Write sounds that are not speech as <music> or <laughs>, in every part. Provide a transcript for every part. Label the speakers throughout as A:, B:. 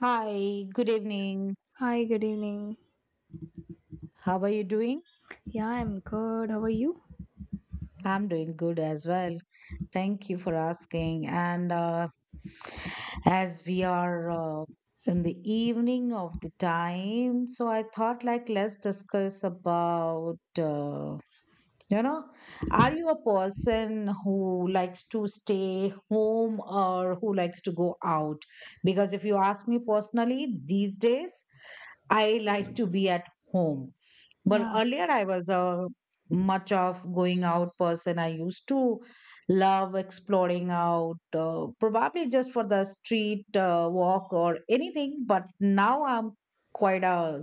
A: Hi, good evening.
B: Hi, good evening.
A: How are you doing?
B: Yeah, I'm good. How are you?
A: I'm doing good as well. Thank you for asking. And as we are in the evening of the time, so I thought like let's discuss about you know, are you a person who likes to stay home or who likes to go out? Because if you ask me personally, these days I like to be at home. But
B: Yeah.
A: earlier, I was a much of going out person. I used to love exploring out, probably just for the street walk or anything. But now I'm quite a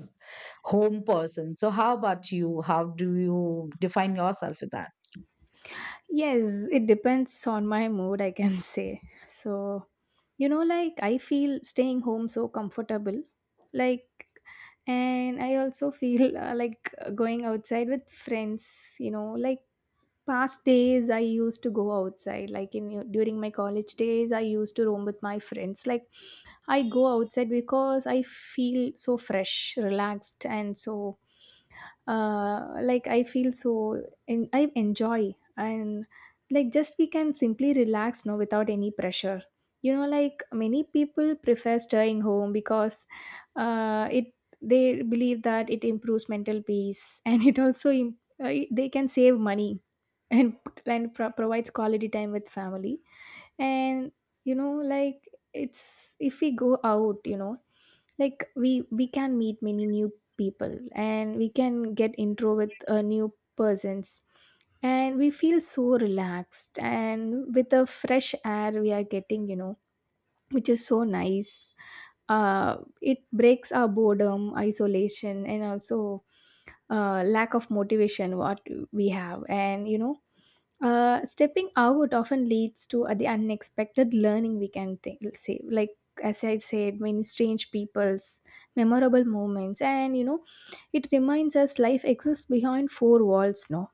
A: home person. So, how about you? How do you define yourself with that?
B: Yes, it depends on my mood, I can <laughs> say. So, like I feel staying home so comfortable. Like, and I also feel like going outside with friends, like past days I used to go outside. Like in during my college days, I used to roam with my friends. Like I go outside because I feel so fresh, relaxed, and so like I feel so in, I enjoy and like just we can simply relax no without any pressure like many people prefer staying home because it they believe that it improves mental peace <laughs> and they can save money <laughs> and, and provides quality time with family and like it's if we go out like we can meet many new people and we can get intro with new persons and we feel so relaxed and with the fresh air we are getting which is so nice. It breaks our boredom isolation and also lack of motivation what we have. And stepping out often leads to the unexpected learning, we can think, say. Like, as I said, many strange people's memorable moments. And, it reminds us life exists behind four walls, no?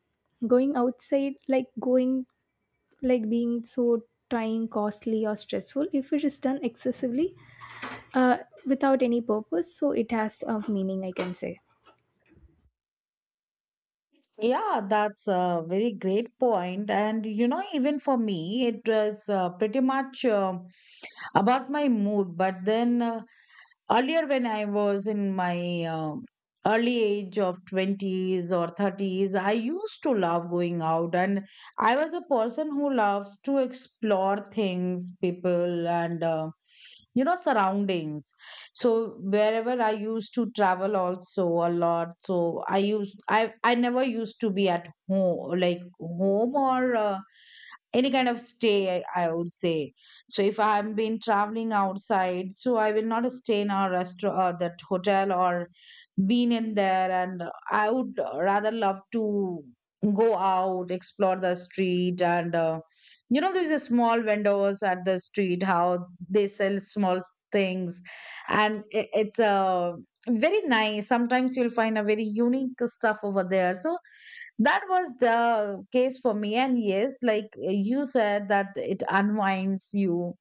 B: Going outside, like being so trying, costly, or stressful, if it is done excessively uh, without any purpose, so it has a meaning, I can say.
A: Yeah, that's a very great point. And you know, even for me, it was pretty much about my mood. But then earlier, when I was in my early age of 20s or 30s, I used to love going out, and I was a person who loves to explore things, people, and surroundings. So wherever I used to travel also a lot, so I never used to be at home, like home or any kind of stay, I would say. So if I have been traveling outside, so I will not stay in a restaurant or that hotel or been in there, and I would rather love to go out, explore the street and these are small vendors at the street, how they sell small things, and it's a very nice, sometimes you'll find a very unique stuff over there. So that was the case for me, and yes, like you said that it unwinds you,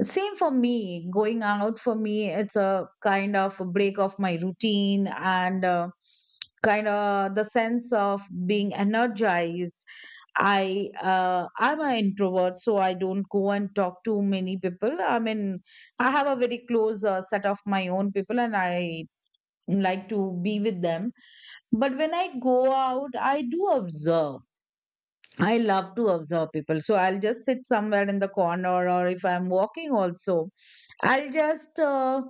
A: same for me. Going out for me, it's a kind of a break of my routine, and kind of the sense of being energized. I'm an introvert, so I don't go and talk to many people, I mean, I have a very close set of my own people and I like to be with them. But when I go out, I do observe. I love to observe people. So I'll just sit somewhere in the corner, or if I'm walking, also, I'll just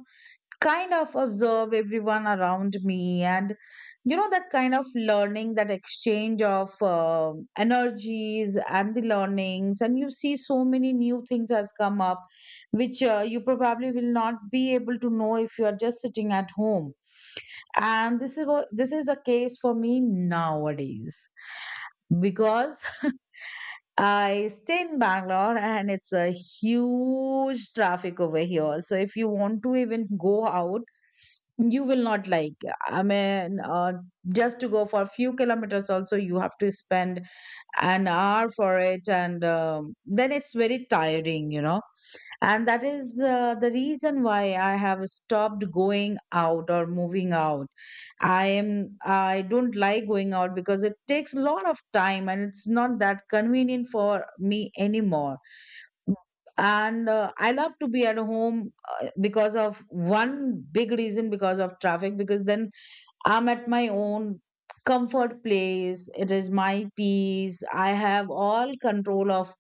A: kind of observe everyone around me. And, that kind of learning, that exchange of energies and the learnings. And you see so many new things has come up, which you probably will not be able to know if you are just sitting at home. And this is the case for me nowadays because I stay in Bangalore and it's a huge traffic over here. So if you want to even go out, you will not like. I mean, just to go for a few kilometers, also, you have to spend an hour for it. And then it's very tiring. And that is the reason why I have stopped going out or moving out. I don't like going out because it takes a lot of time and it's not that convenient for me anymore. And I love to be at home, because of one big reason, because of traffic, because then I'm at my own comfort place. It is my peace. I have all control of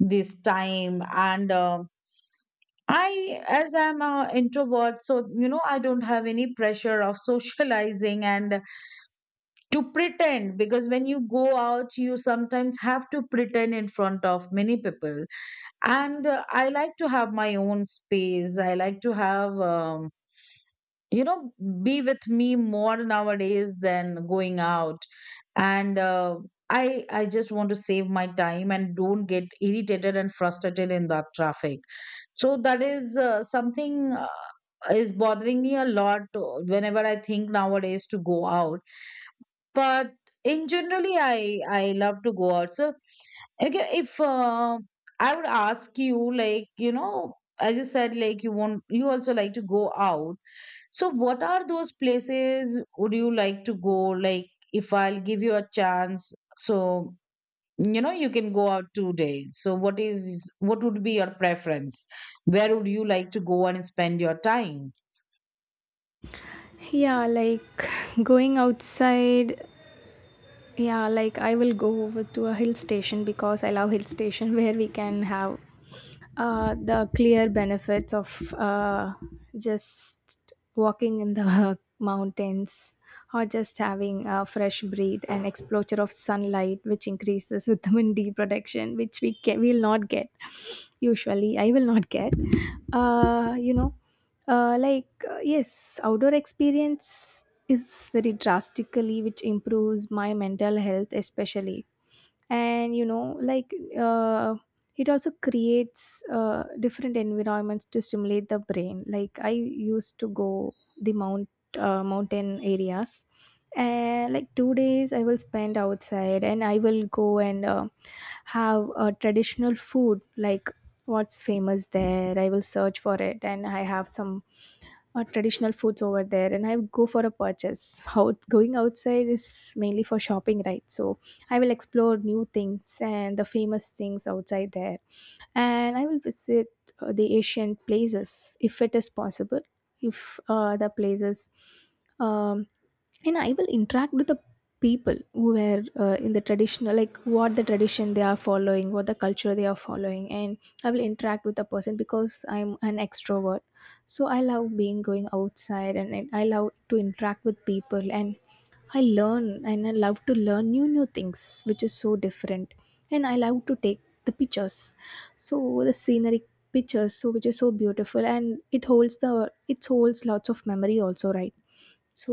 A: this time, and as I'm an introvert, so I don't have any pressure of <laughs> socializing and to pretend, because when you go out you sometimes have to pretend in front of many people. And I like to have my own space, I like to have you know be with me more nowadays than going out. And I just want to save my time and don't get irritated and frustrated in that traffic. So that is something is bothering me a lot whenever I think nowadays to go out. But in generally I love to go out. So, okay, if I would ask you, like, as you said, like, you also like to go out, so what are those places would you like to go? Like, if I'll give you a chance, so, you can go out today, so what would be your preference? Where would you like to go and spend your time?
B: Yeah, like <sighs> going outside. Yeah, like I will go over to a hill station because I love hill station <laughs> where we can have the clear benefits of just walking in the <laughs> mountains or just having a fresh breathe and exposure of sunlight which increases vitamin D <laughs> production which will not get usually. I will not get uh you know yes, outdoor experience is very drastically which improves my mental health especially. And uh it also creates different environments to stimulate the brain. Like I used to go the mountain areas, and like 2 days I will spend outside, and I will go and have a traditional food like what's famous there. I will search for it and I have some traditional foods over there, and I go for a purchase out. Going outside is mainly for shopping, right? So I will explore new things and the famous things outside there, and I will visit the ancient places if it is possible, if the places um, and I will interact with the people who were in the traditional, like what the tradition they are following, what the culture they are following, and I will interact with the person because I'm an extrovert. So I love being going outside, and I love to interact with people, and I learn, and I love to learn new new things, which is so different, and I love to take the pictures. So the scenery pictures so which is so beautiful and it holds the it holds lots of memory also, right? So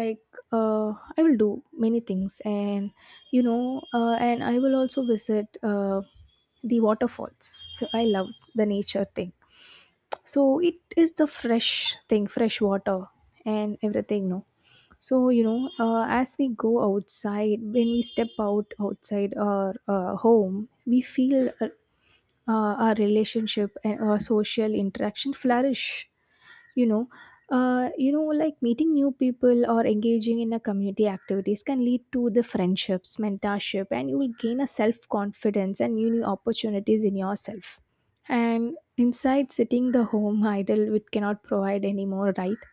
B: like I will do many things, and and I will also visit the waterfalls. So I love the nature thing, so it is the fresh thing, fresh water, and everything, no? So as we go outside, when we step out outside our home, we feel our relationship and our social interaction flourish. you know like meeting new people or engaging in a community activities can lead to the friendships, mentorship, and you will gain a self confidence and new new opportunities in yourself. And inside sitting the home <laughs> idle, it cannot provide anymore, right?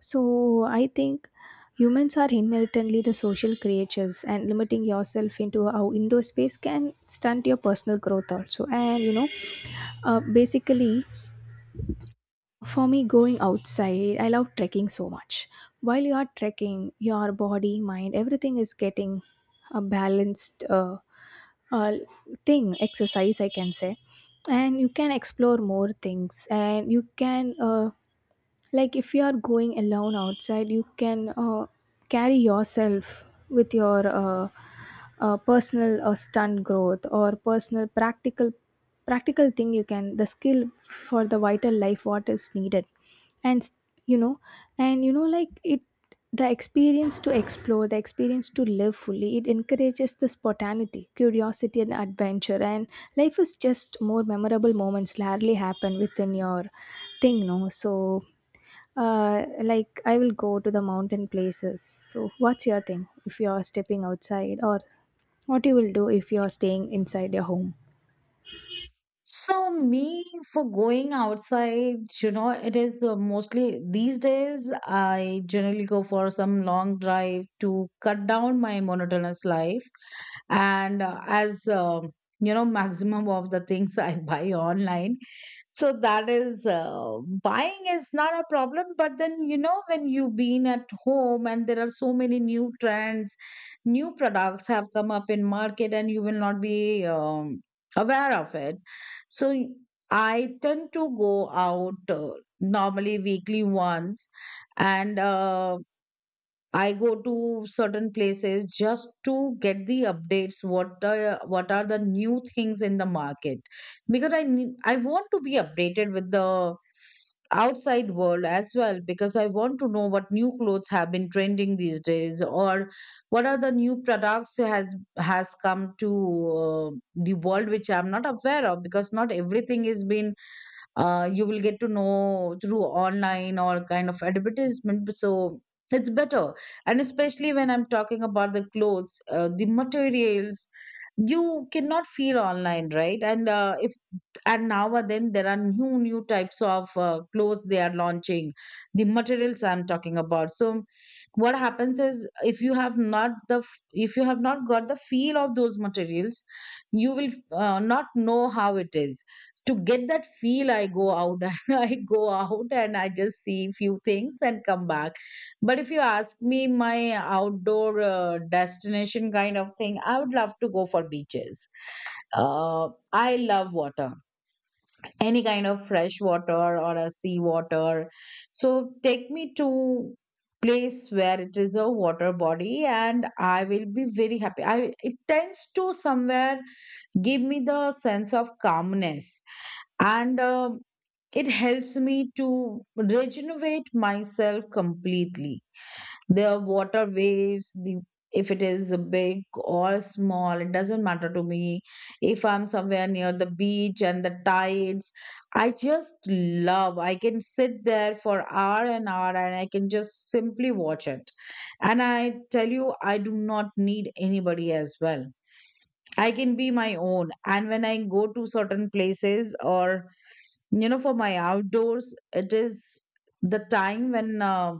B: So I think humans are inherently the social creatures, and limiting yourself into our indoor space can stunt your personal growth also. And basically for me, going outside, I love trekking so much. While you are trekking, your body, mind, everything is getting a balanced uh, thing, exercise, I can say. And you can explore more things. And you can, like, if you are going alone outside, you can carry yourself with your personal stunt growth or personal practical thing, you can the skill for the vital life what is needed. And you know like it the experience to explore, the experience to live fully, it encourages the spontaneity, curiosity, and adventure. And life is just more memorable moments rarely happen within your thing, no? So like I will go to the mountain places. So what's your thing if you're stepping outside, or what you will do if you're staying inside your home?
A: So me, for going outside, it is mostly these days I generally go for some long drive to cut down my monotonous life. And as you know maximum of the things <laughs> I buy online. So that is buying is not a problem, but then when you've been at home, and there are so many new trends, new products have come up in market and you will not be aware of it. So I tend to go out, normally weekly once, and I go to certain places just to get the updates. What are the new things in the market? Because I want to be updated with the outside world as well, because I want to know what new clothes have been trending these days, or what are the new products has come to the world which I'm not aware of, because not everything is been, you will get to know through online or kind of advertisement. So it's better. And especially when I'm talking about the clothes, the materials, you cannot feel online, right? And if and now and then there are new types of clothes they are launching, the materials I'm talking about. So what happens is, if you have not the f- if you have not got the feel of those materials, you will not know how it is. To get that feel, I go out <laughs> and I go out, and I just see few things and come back. But if you ask me, my outdoor destination kind of thing, I would love to go for beaches. I love water, any kind of fresh water or a sea water. So take me to place where it is a water body and I will be very happy. I it tends to somewhere give me the sense of calmness, and it helps me to regenerate myself completely. Their water waves, the if it is big or small, it doesn't matter to me. If I'm somewhere near the beach and the tides, I just love. I can sit there for hour and hour and I can just simply watch it. And I tell you, I do not need anybody as well. I can be my own. And when I go to certain places or, for my outdoors, it is the time when,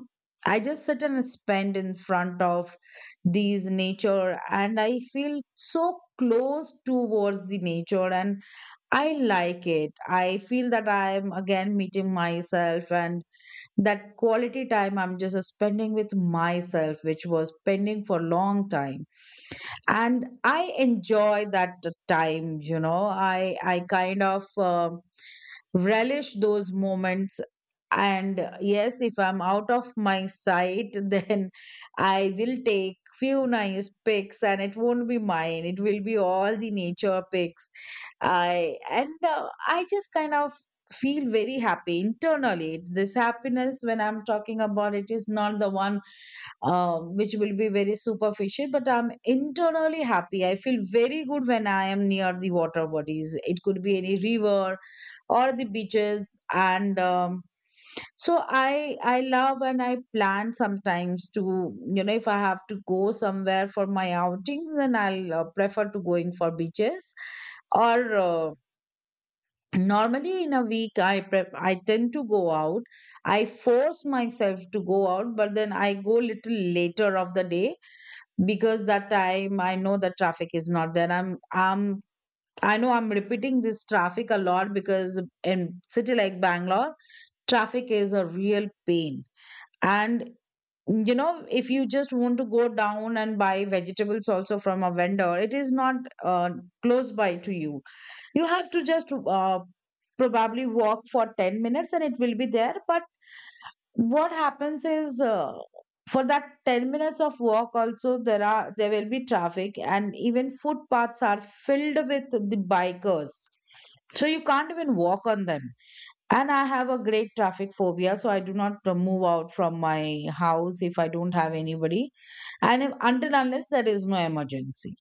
A: I just sit and spend in front of these nature, and I feel so close towards the nature, and I like it. I feel that I am again meeting myself, and that quality time I'm just spending with myself, which was pending for a long time. And I enjoy that time. I kind of relish those moments. And yes, if I'm out of my sight <laughs> then I will take few nice pics, and it won't be mine, it will be all the nature pics. I just kind of feel very happy internally. This happiness when I'm talking about, it is not the one which will be very superficial, but I'm internally happy. I feel very good when I am near the water bodies. It could be any river or the beaches. And so I love, and I plan sometimes to, if I have to go somewhere for my outings, then I'll prefer to going for beaches or normally in a week I tend to go out. I force myself to go out, but then I go little later of the day, because that time I know the traffic is not there. I know I'm repeating this traffic a lot, because in city like Bangalore, traffic is a real pain. And, if you just want to go down and buy vegetables also from a vendor, it is not uh, close by to you. You have to just, probably walk for 10 minutes and it will be there. But what happens is, for that 10 minutes of walk also, there will be traffic and even footpaths are filled with the bikers. So you can't even walk on them. And I have a great traffic phobia, so I do not move out from my house if I don't have anybody, and if, until unless there is no emergency.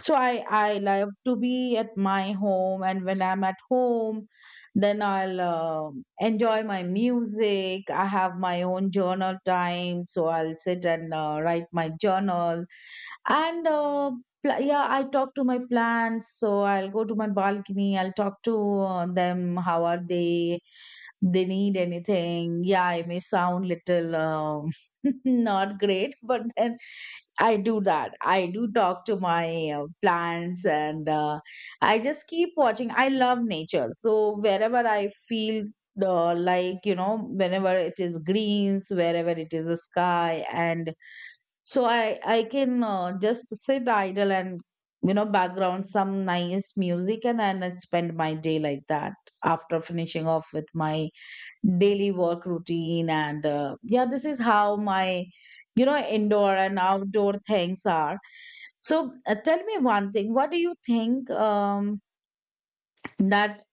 A: So I love to be at my home, and when I'm at home, then I'll enjoy my music. I have my own journal time, so I'll sit and write my journal. And uh, yeah, I talk to my plants. So I'll go to my balcony. I'll talk to them. How are they? They need anything. Yeah, I may sound little <laughs> not great, but then I do that. I do talk to my plants and I just keep watching. I love nature. So wherever I feel whenever it is greens, wherever it is a sky. And so I can just sit idle and background some nice music, and then I spend my day like that after finishing off with my daily work routine. And Yeah, this is how my, you know, indoor and outdoor things are. So tell me one thing, what do you think, that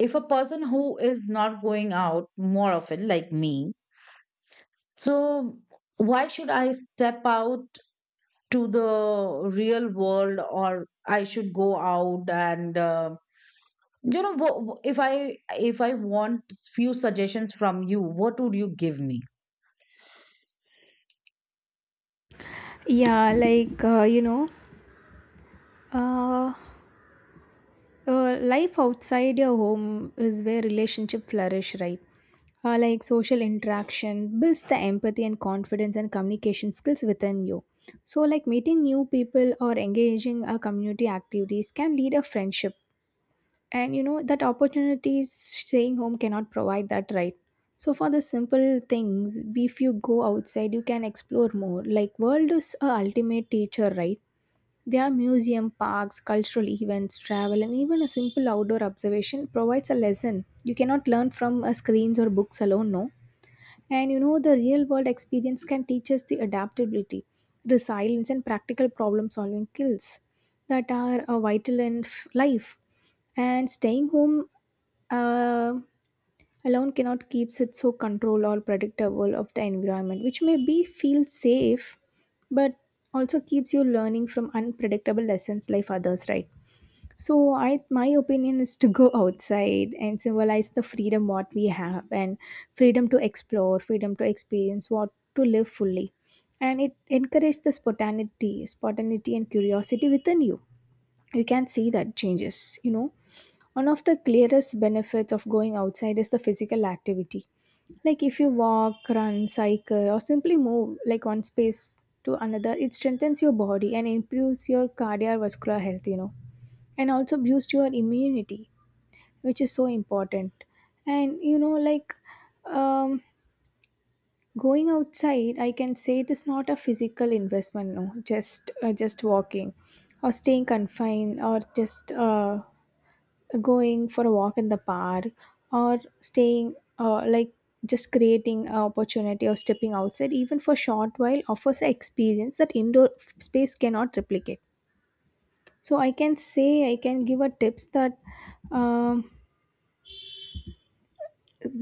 A: if a person who is not going out more often like me, so why should I step out to the real world? Or I should go out and, if I want few suggestions from you, what would you give me?
B: Yeah, like uh life outside your home is where relationship flourish, right? Like social interaction builds the empathy and confidence and communication skills within you. So like meeting new people or engaging a community activities can lead a friendship, and that opportunities staying home cannot provide that, right? So for the simple things, if you go outside, you can explore more. Like world is a ultimate teacher, right? Their museum, parks, cultural events, travel, and even a simple outdoor observation provides a lesson. You cannot learn from screens or books alone, no. And the real world experience can teach us the adaptability, resilience, and practical problem solving skills that are vital in life. And staying home uh, alone cannot keeps it so control or predictable of the environment which may be feel safe, but also keeps you learning from unpredictable lessons like others, right? So i, my opinion is to go <laughs> outside and symbolize the freedom what we have, and freedom to explore, freedom to experience what to live fully, and it encourages the spontaneity and curiosity within you. You can see that changes. One of the clearest benefits of going outside is the physical activity. Like if you walk, run, cycle, or simply move like one space to another, it strengthens your body and improves your cardiovascular health, and also boosts your immunity, which is so important. And um, going outside, I can say it is not a physical investment, no, just walking or staying confined or just going for a walk in the park or staying like, just creating an opportunity or stepping outside even for short while offers an experience that indoor space cannot replicate. So I can say, I can give a tips that, um,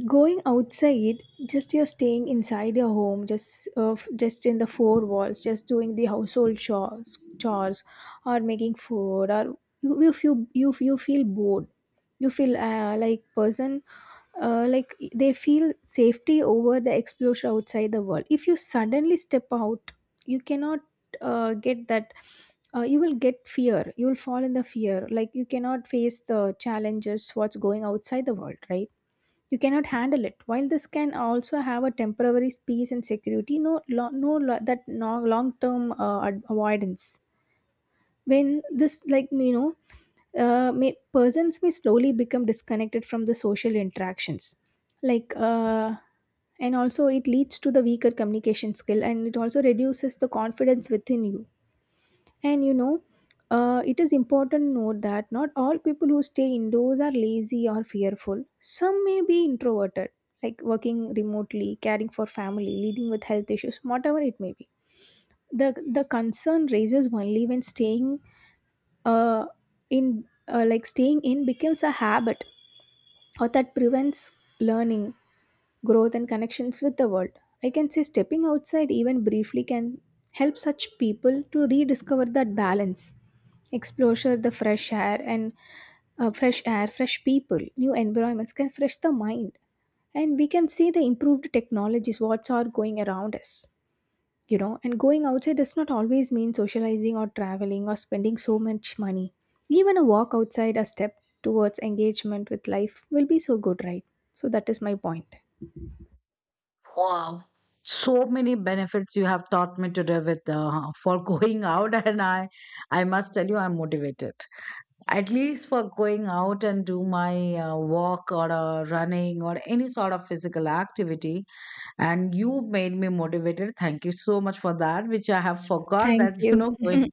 B: going outside. Just you're staying inside your home, just in the four walls, just doing the household chores or making food, or if you feel bored, you feel like person, like they feel safety over the exposure outside the world. If you suddenly step out, you cannot get that. You will get fear, you will fall in the fear, like you cannot face the challenges what's going outside the world, right? You cannot handle it. While this can also have a temporary peace and security, no lo- no lo- that no long term avoidance. When this, like persons may slowly become disconnected from the social interactions, like and also it leads to the weaker communication skill, and it also reduces the confidence within you. And it is important to note that not all people who stay indoors are lazy or fearful. Some may be introverted, like working remotely, caring for family, leading with health issues, whatever it may be. The concern raises only when staying uh, in like staying in becomes a habit or that prevents learning, growth, and connections with the world. I can say stepping outside even briefly can help such people to rediscover that balance. Exposure, the fresh air, and fresh people, new environments can fresh the mind, and we can see the improved technologies what's are going around us. And going outside does not always mean socializing or traveling or spending so much money. Even a walk outside, a step towards engagement with life, will be so good, right? So that is my point.
A: Wow. So many benefits you have taught me today with <laughs> for going out <laughs> and I must tell you I'm motivated. At least for going out and do my walk or running or any sort of physical activity, and you made me motivated. Thank you so much for that, which I have forgot that
B: Thank
A: <laughs> you
B: you.
A: know, going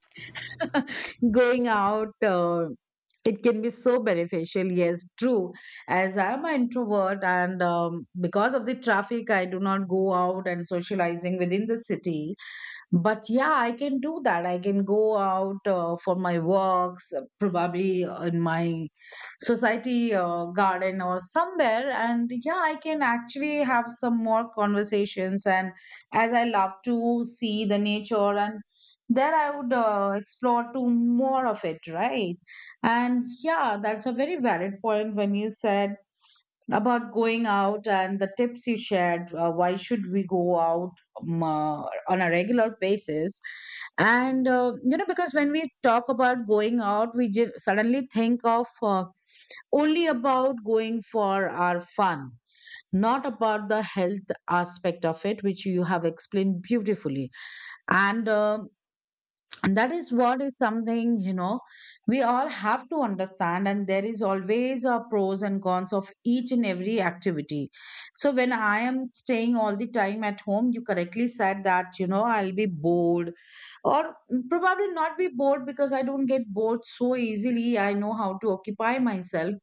A: <laughs> going out, it can be so beneficial. Yes, true. As I am an introvert, and because of the traffic I do not go out and socializing within the city. But yeah, I can do that. I can go out for my walks, probably in my society garden or somewhere. And yeah, I can actually have some more conversations. And as I love to see the nature, and there I would explore to more of it, right? And yeah, that's a very valid point when you said about going out and the tips you shared. Why should we go out, um, uh, on a regular basis? And you know, because when we talk about going out, we suddenly think of only about going for our fun, not about the health aspect of it, which you have explained beautifully. And, um and that is what is something, you know, we all have to understand. And there is always a pros and cons of each and every activity. So when I am staying all the time at home, you correctly said that, you know, I'll be bored, or probably not be bored, because I don't get bored so easily. I know how to occupy myself.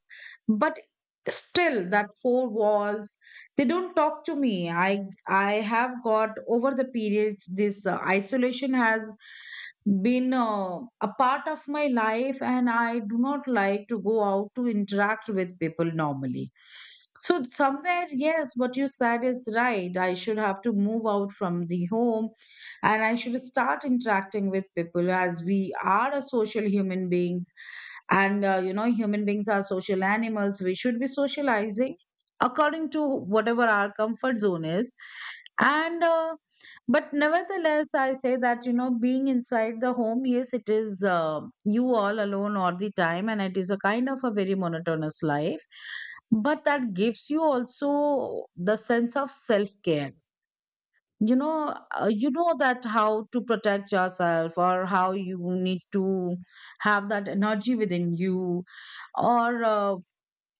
A: But still that four walls, they don't talk to me. I have got over the periods this isolation has been a part of my life, and I do not like to go out to interact with people normally. So somewhere, yes, what you said is right, I should have to move out from the home and I should start interacting with people, as we are a social human beings. And you know, human beings are social animals, we should be socializing according to whatever our comfort zone is. And But nevertheless, I say that, you know, being inside the home, yes, it is you all alone all the time, and it is a kind of a very monotonous life. But that gives you also the sense of self care. You know that how to protect yourself, or how you need to have that energy within you, or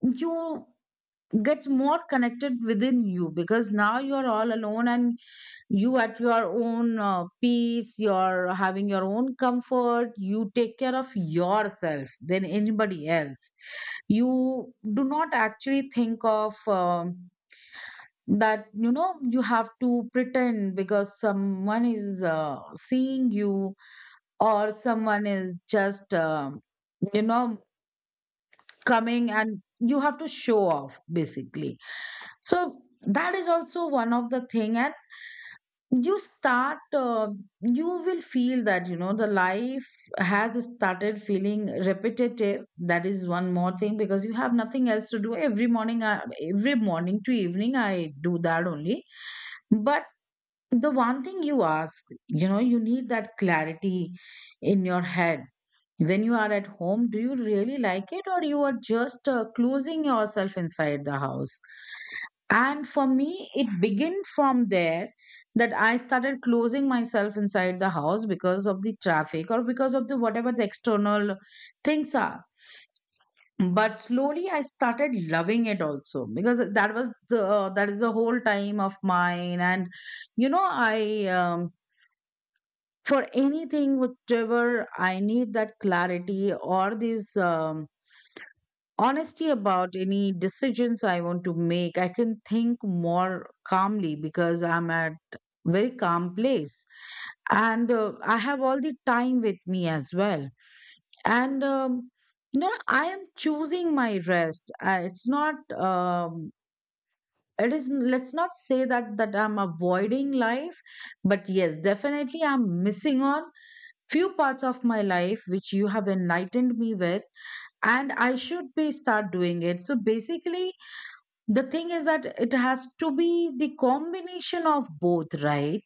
A: you get more connected within you, because now you're all alone, and you at your own peace, you're having your own comfort, you take care of yourself than anybody else. You do not actually think of that, you know, you have to pretend because someone is seeing you, or someone is just, you know coming, and you have to show off basically. So that is also one of the thing. And you start you will feel that, you know, the life has started feeling repetitive, that is one more thing, because you have nothing else to do. Every morning to evening, I do that only. But the one thing you ask, you know, you need that clarity in your head: when you are at home, do you really like it, or you are just closing yourself inside the house? And for me, it began from there, that I started closing myself inside the house because of the traffic or because of the whatever the external things are. But slowly I started loving it also, because that was the that is the whole time of mine. And you know, I, for anything, whatever, I need that clarity or this. Honesty about any decisions I want to make, I can think more calmly because I'm at very calm place, and I have all the time with me as well. And you know, I am choosing my rest. It's not. It is. Let's not say that I'm avoiding life, but yes, definitely I'm missing on few parts of my life which you have enlightened me with, and I should be start doing it. So basically, the thing is that it has to be the combination of both, right?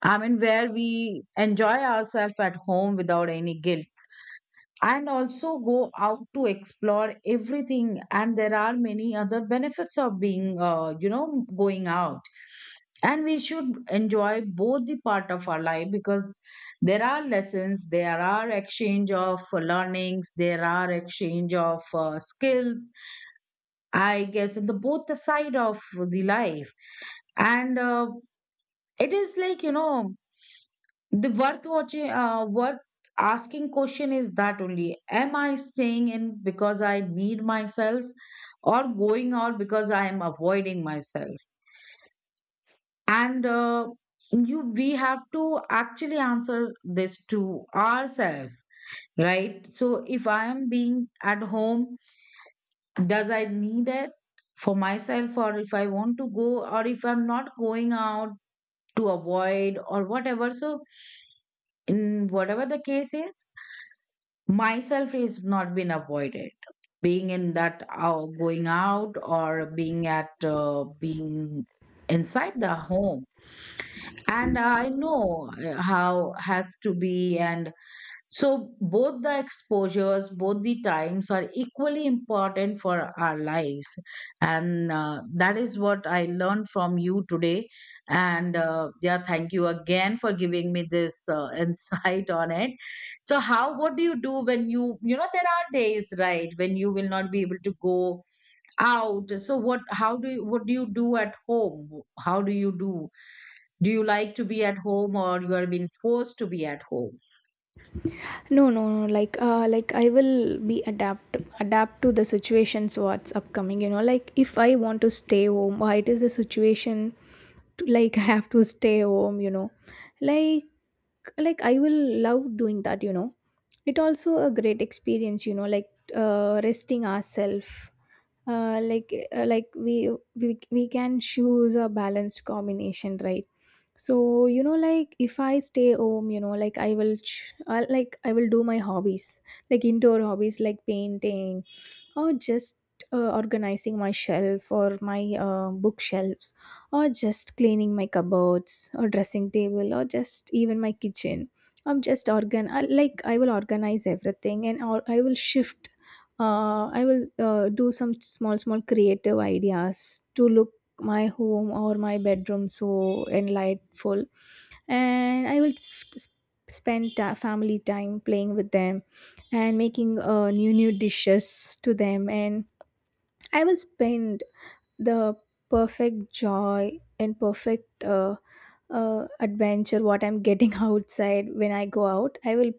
A: I mean, where we enjoy ourselves at home without any guilt, and also go out to explore everything. And there are many other benefits of being, going out, and we should enjoy both the part of our life, because there are lessons, there are exchange of learnings, there are exchange of skills, I guess, in the both the side of the life. And It is like, you know, the worth watching, worth asking question is that only: am I staying in because I need myself, or going out because I am avoiding myself? And uh, we have to actually answer this to ourselves, right? So if I am being at home, does I need it for myself? Or if I want to go, or if I'm not going out to avoid or whatever. So, in whatever the case is, myself is not been avoided. Being in that going out, or being at being inside the home. And I know how has to be. And so, both the exposures, both the times are equally important for our lives. And That is what I learned from you today. And Yeah, thank you again for giving me this <laughs> insight on it. So, how, what do you do when you know, there are days, right, when you will not be able to go out. So, what, how do you, what do you do at home? How do you do? Do you like to be at home, or you are being forced to be at home?
B: No, like like I will be adapt to the situations what's upcoming. Like, if I want to stay home, why it is the situation to like <laughs> have to stay home, like like I will love doing that, it also a great experience. Resting ourselves, like we can choose a balanced combination, right? So like, if I stay home, like like I will do my hobbies, like indoor hobbies like painting, or just organizing my shelf or my bookshelves, or just cleaning my cupboards or dressing table or just even my kitchen. I'm just organ I, Like I will organize everything, and or I will shift. I will Do some small small creative ideas to look my home or my bedroom so enlightful. And I will spend family time playing with them and making new new dishes to them. And I will spend the perfect joy and perfect adventure what I'm getting <laughs> outside. When I go out, I will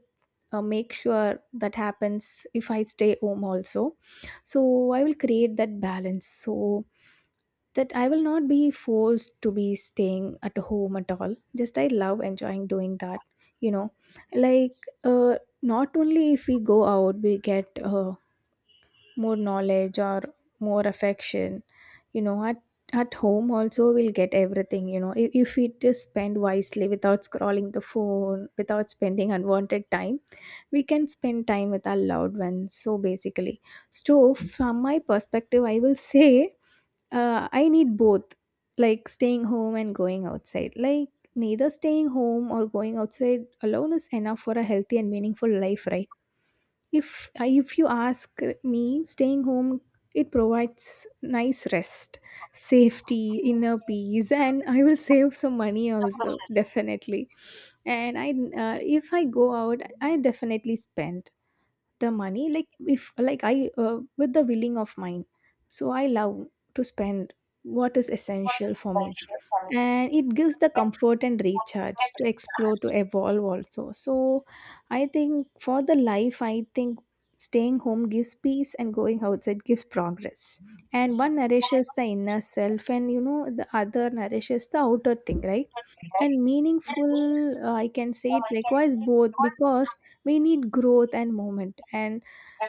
B: make sure that happens if I stay home also. So I will create that balance, so that I will not be forced to be staying at home at all. Just I love enjoying doing that, you know. Like, not only if we go out, we get more knowledge or more affection. At home also we'll get everything, if we just spend wisely, without scrolling the phone, without spending unwanted time, we can spend time with our loved ones. So basically, so from my perspective, I will <laughs> say I need both, like staying home and going outside. Like neither staying home or going outside alone is enough for a healthy and meaningful life, right? If if you ask me, staying home, it provides nice rest, safety, inner peace, and I will save some money also, definitely. And I if I go out, I definitely spend the money, like if like I with the willing of mine. So I love to spend what is essential for me, and it gives the comfort and recharge to explore, to evolve also. So I think for the life, I think staying home gives peace and going outside gives progress, and one nourishes the inner self, and the other nourishes the outer thing, right? And meaningful, I can say, it requires both, because we need growth and movement, and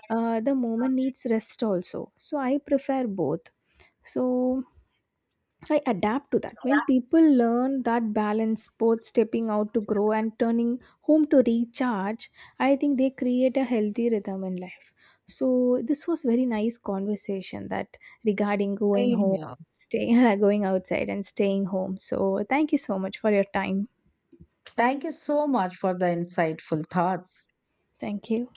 B: the moment needs rest also. So I prefer both. So I adapt to that. When people learn that balance, both stepping out to grow and turning home to recharge, I think they create a healthy rhythm in life. So this was very nice conversation that regarding going
A: Same
B: home,
A: here.
B: staying <laughs> going outside and staying home. So thank you so much for your time.
A: Thank you so much for the insightful thoughts.
B: Thank you.